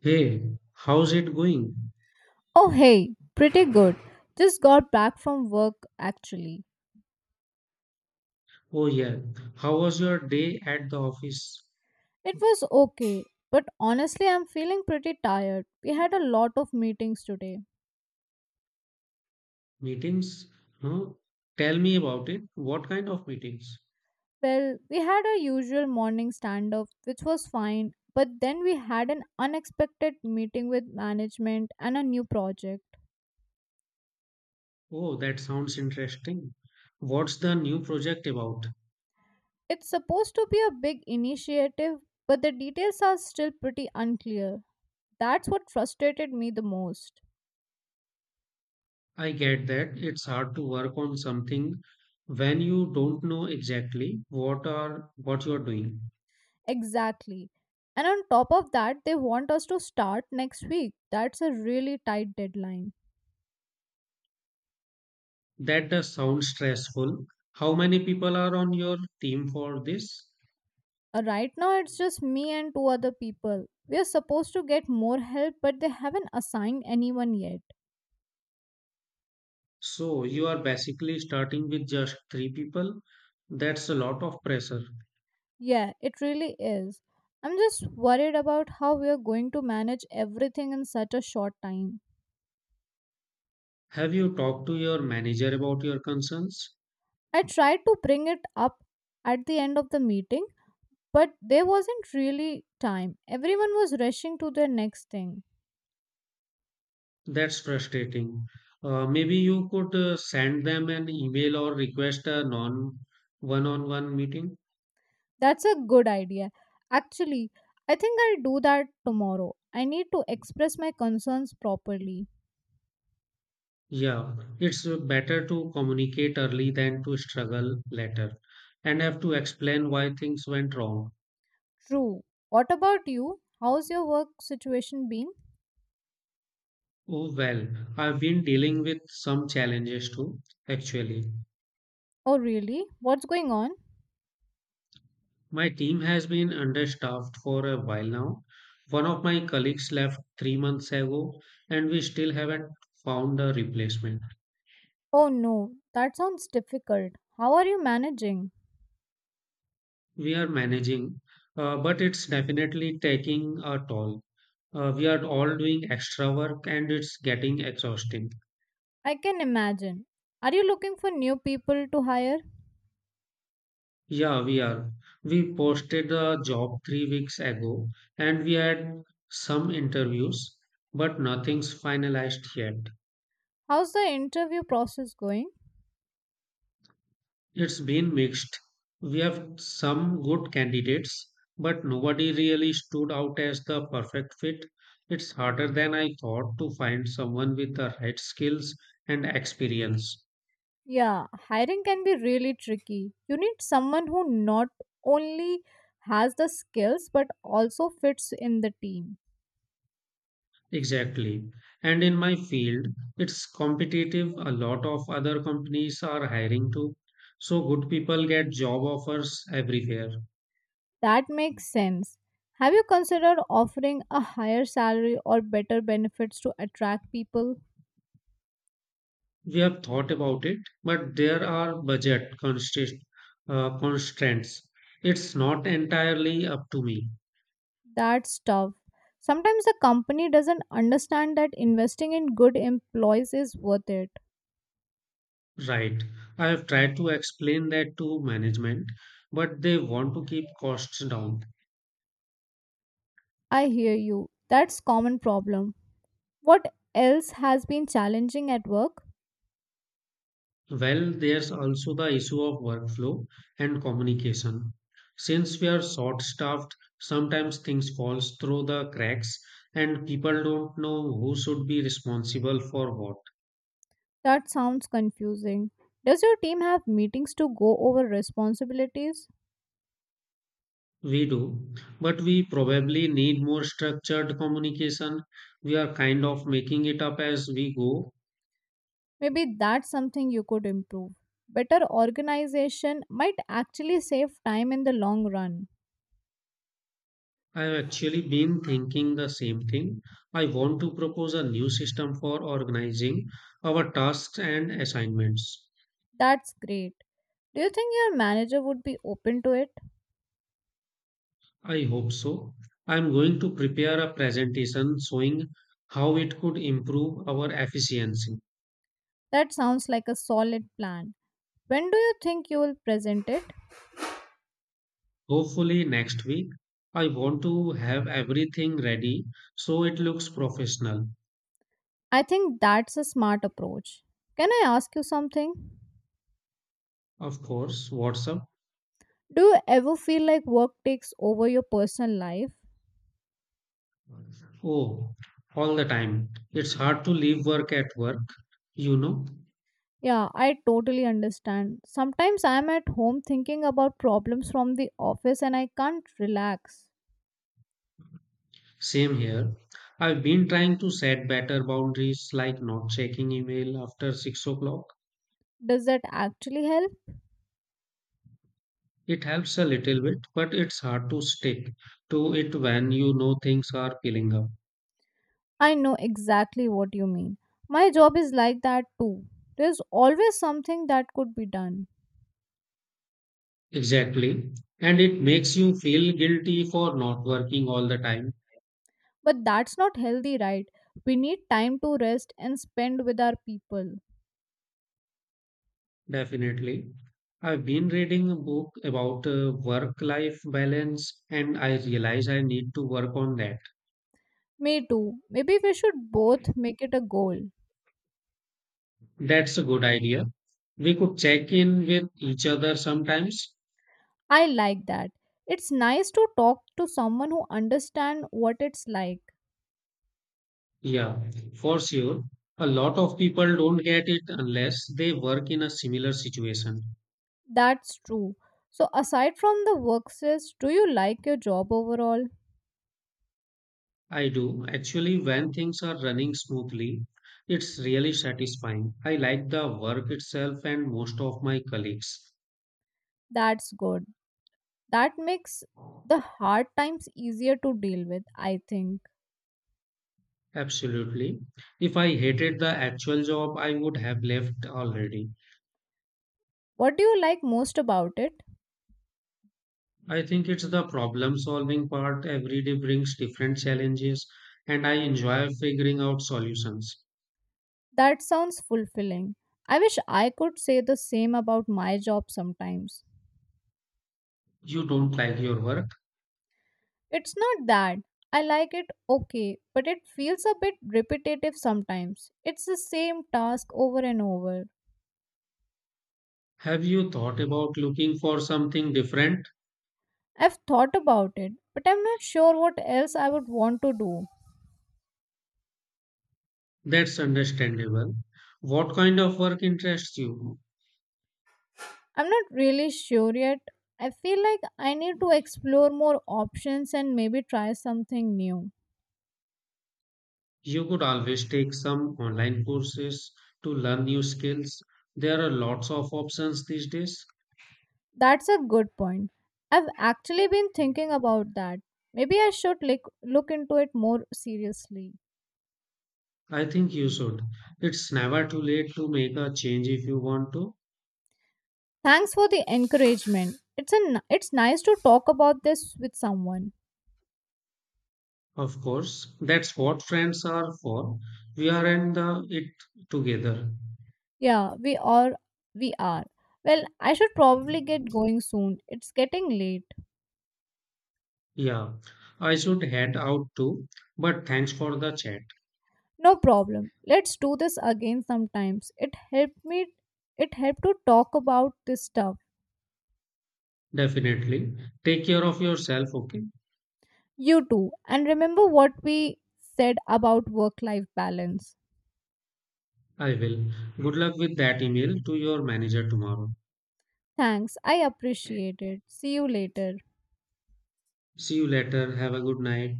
Hey, how's it going? Oh, hey, pretty good. Just got back from work actually. Oh yeah, how was your day at the office? It was okay, but honestly, I'm feeling pretty tired. We had a lot of meetings today. Meetings? No? Tell me about it. What kind of meetings? Well, we had our usual morning stand up, which was fine, but then we had an unexpected meeting with management and a new project. Oh, that sounds interesting. What's the new project about? It's supposed to be a big initiative, but the details are still pretty unclear. That's what frustrated me the most. I get that it's hard to work on something when you don't know exactly what you're doing. Exactly. And on top of that, they want us to start next week. That's a really tight deadline. That does sound stressful. How many people are on your team for this? Right now, it's just me and two other people. We are supposed to get more help, but they haven't assigned anyone yet. So you are basically starting with just three people. That's a lot of pressure. Yeah, it really is. I'm just worried about how we are going to manage everything in such a short time. Have you talked to your manager about your concerns? I tried to bring it up at the end of the meeting, but there wasn't really time. Everyone was rushing to their next thing. That's frustrating. Maybe you could send them an email or request a non one on one meeting. That's a good idea. Actually, I think I'll do that tomorrow. I need to express my concerns properly. Yeah, it's better to communicate early than to struggle later and have to explain why things went wrong. True. What about you? How's your work situation been? Oh, well, I've been dealing with some challenges too, actually. Oh, really? What's going on? My team has been understaffed for a while now. One of my colleagues left 3 months ago, and we still haven't found a replacement. Oh, no. That sounds difficult. How are you managing? We are managing, but it's definitely taking a toll. We are all doing extra work and it's getting exhausting. I can imagine. Are you looking for new people to hire? Yeah, we are. We posted a job 3 weeks ago and we had some interviews, but nothing's finalized yet. How's the interview process going? It's been mixed. We have some good candidates, but nobody really stood out as the perfect fit. It's harder than I thought to find someone with the right skills and experience. Yeah, hiring can be really tricky. You need someone who not only has the skills but also fits in the team. Exactly. And in my field, it's competitive. A lot of other companies are hiring too. So good people get job offers everywhere. That makes sense. Have you considered offering a higher salary or better benefits to attract people? We have thought about it, but there are constraints. It's not entirely up to me, That's tough. Sometimes the company doesn't understand that investing in good employees is worth it. right? I have tried to explain that to management, but they want to keep costs down. I hear you. That's common problem. What else has been challenging at work? Well, there's also the issue of workflow and communication. Since we are short staffed, sometimes things falls through the cracks and people don't know who should be responsible for what. That sounds confusing. Does your team have meetings to go over responsibilities? We do, but we probably need more structured communication. We are kind of making it up as we go. Maybe that's something you could improve. Better organization might actually save time in the long run. I've actually been thinking the same thing. I want to propose a new system for organizing our tasks and assignments. That's great. Do you think your manager would be open to it? I hope so. I'm going to prepare a presentation showing how it could improve our efficiency. That sounds like a solid plan. When do you think you will present it? Hopefully, next week, I want to have everything ready so it looks professional. I think that's a smart approach. Can I ask you something? Of course, WhatsApp. Do you ever feel like work takes over your personal life? Oh, all the time. It's hard to leave work at work, you know. Yeah, I totally understand. Sometimes I'm at home thinking about problems from the office and I can't relax. Same here. I've been trying to set better boundaries like not checking email after 6 o'clock. Does that actually help? It helps a little bit, but it's hard to stick to it when you know things are piling up. I know exactly what you mean. My job is like that too. There's always something that could be done. Exactly. And it makes you feel guilty for not working all the time. But that's not healthy, right? We need time to rest and spend with our people. Definitely. I've been reading a book about work-life balance and I realize I need to work on that. Me too. Maybe we should both make it a goal. That's a good idea. We could check in with each other sometimes. I like that. It's nice to talk to someone who understands what it's like. Yeah, for sure. A lot of people don't get it unless they work in a similar situation. That's true. So, aside from the work stress, do you like your job overall? I do. Actually, when things are running smoothly, it's really satisfying. I like the work itself and most of my colleagues. That's good. That makes the hard times easier to deal with, I think. Absolutely. If I hated the actual job, I would have left already. What do you like most about it? I think it's the problem solving part. Every day brings different challenges, and I enjoy figuring out solutions. That sounds fulfilling. I wish I could say the same about my job sometimes. You don't like your work? It's not that. I like it okay, but it feels a bit repetitive sometimes. It's the same task over and over. Have you thought about looking for something different? I've thought about it, but I'm not sure what else I would want to do. That's understandable. What kind of work interests you? I'm not really sure yet. I feel like I need to explore more options and maybe try something new. You could always take some online courses to learn new skills. There are lots of options these days. That's a good point. I've actually been thinking about that. Maybe I should look into it more seriously. I think you should. It's never too late to make a change if you want to. Thanks for the encouragement. It's nice to talk about this with someone. Of course, that's what friends are for. We are in the it together. Yeah, we are. Well, I should probably get going soon. It's getting late. Yeah, I should head out too. But thanks for the chat. No problem. Let's do this again sometimes. It helped to talk about this stuff. Definitely. Take care of yourself, okay? You too. And remember what we said about work life balance. I will. Good luck with that email to your manager tomorrow. Thanks. I appreciate it. See you later. See you later. Have a good night.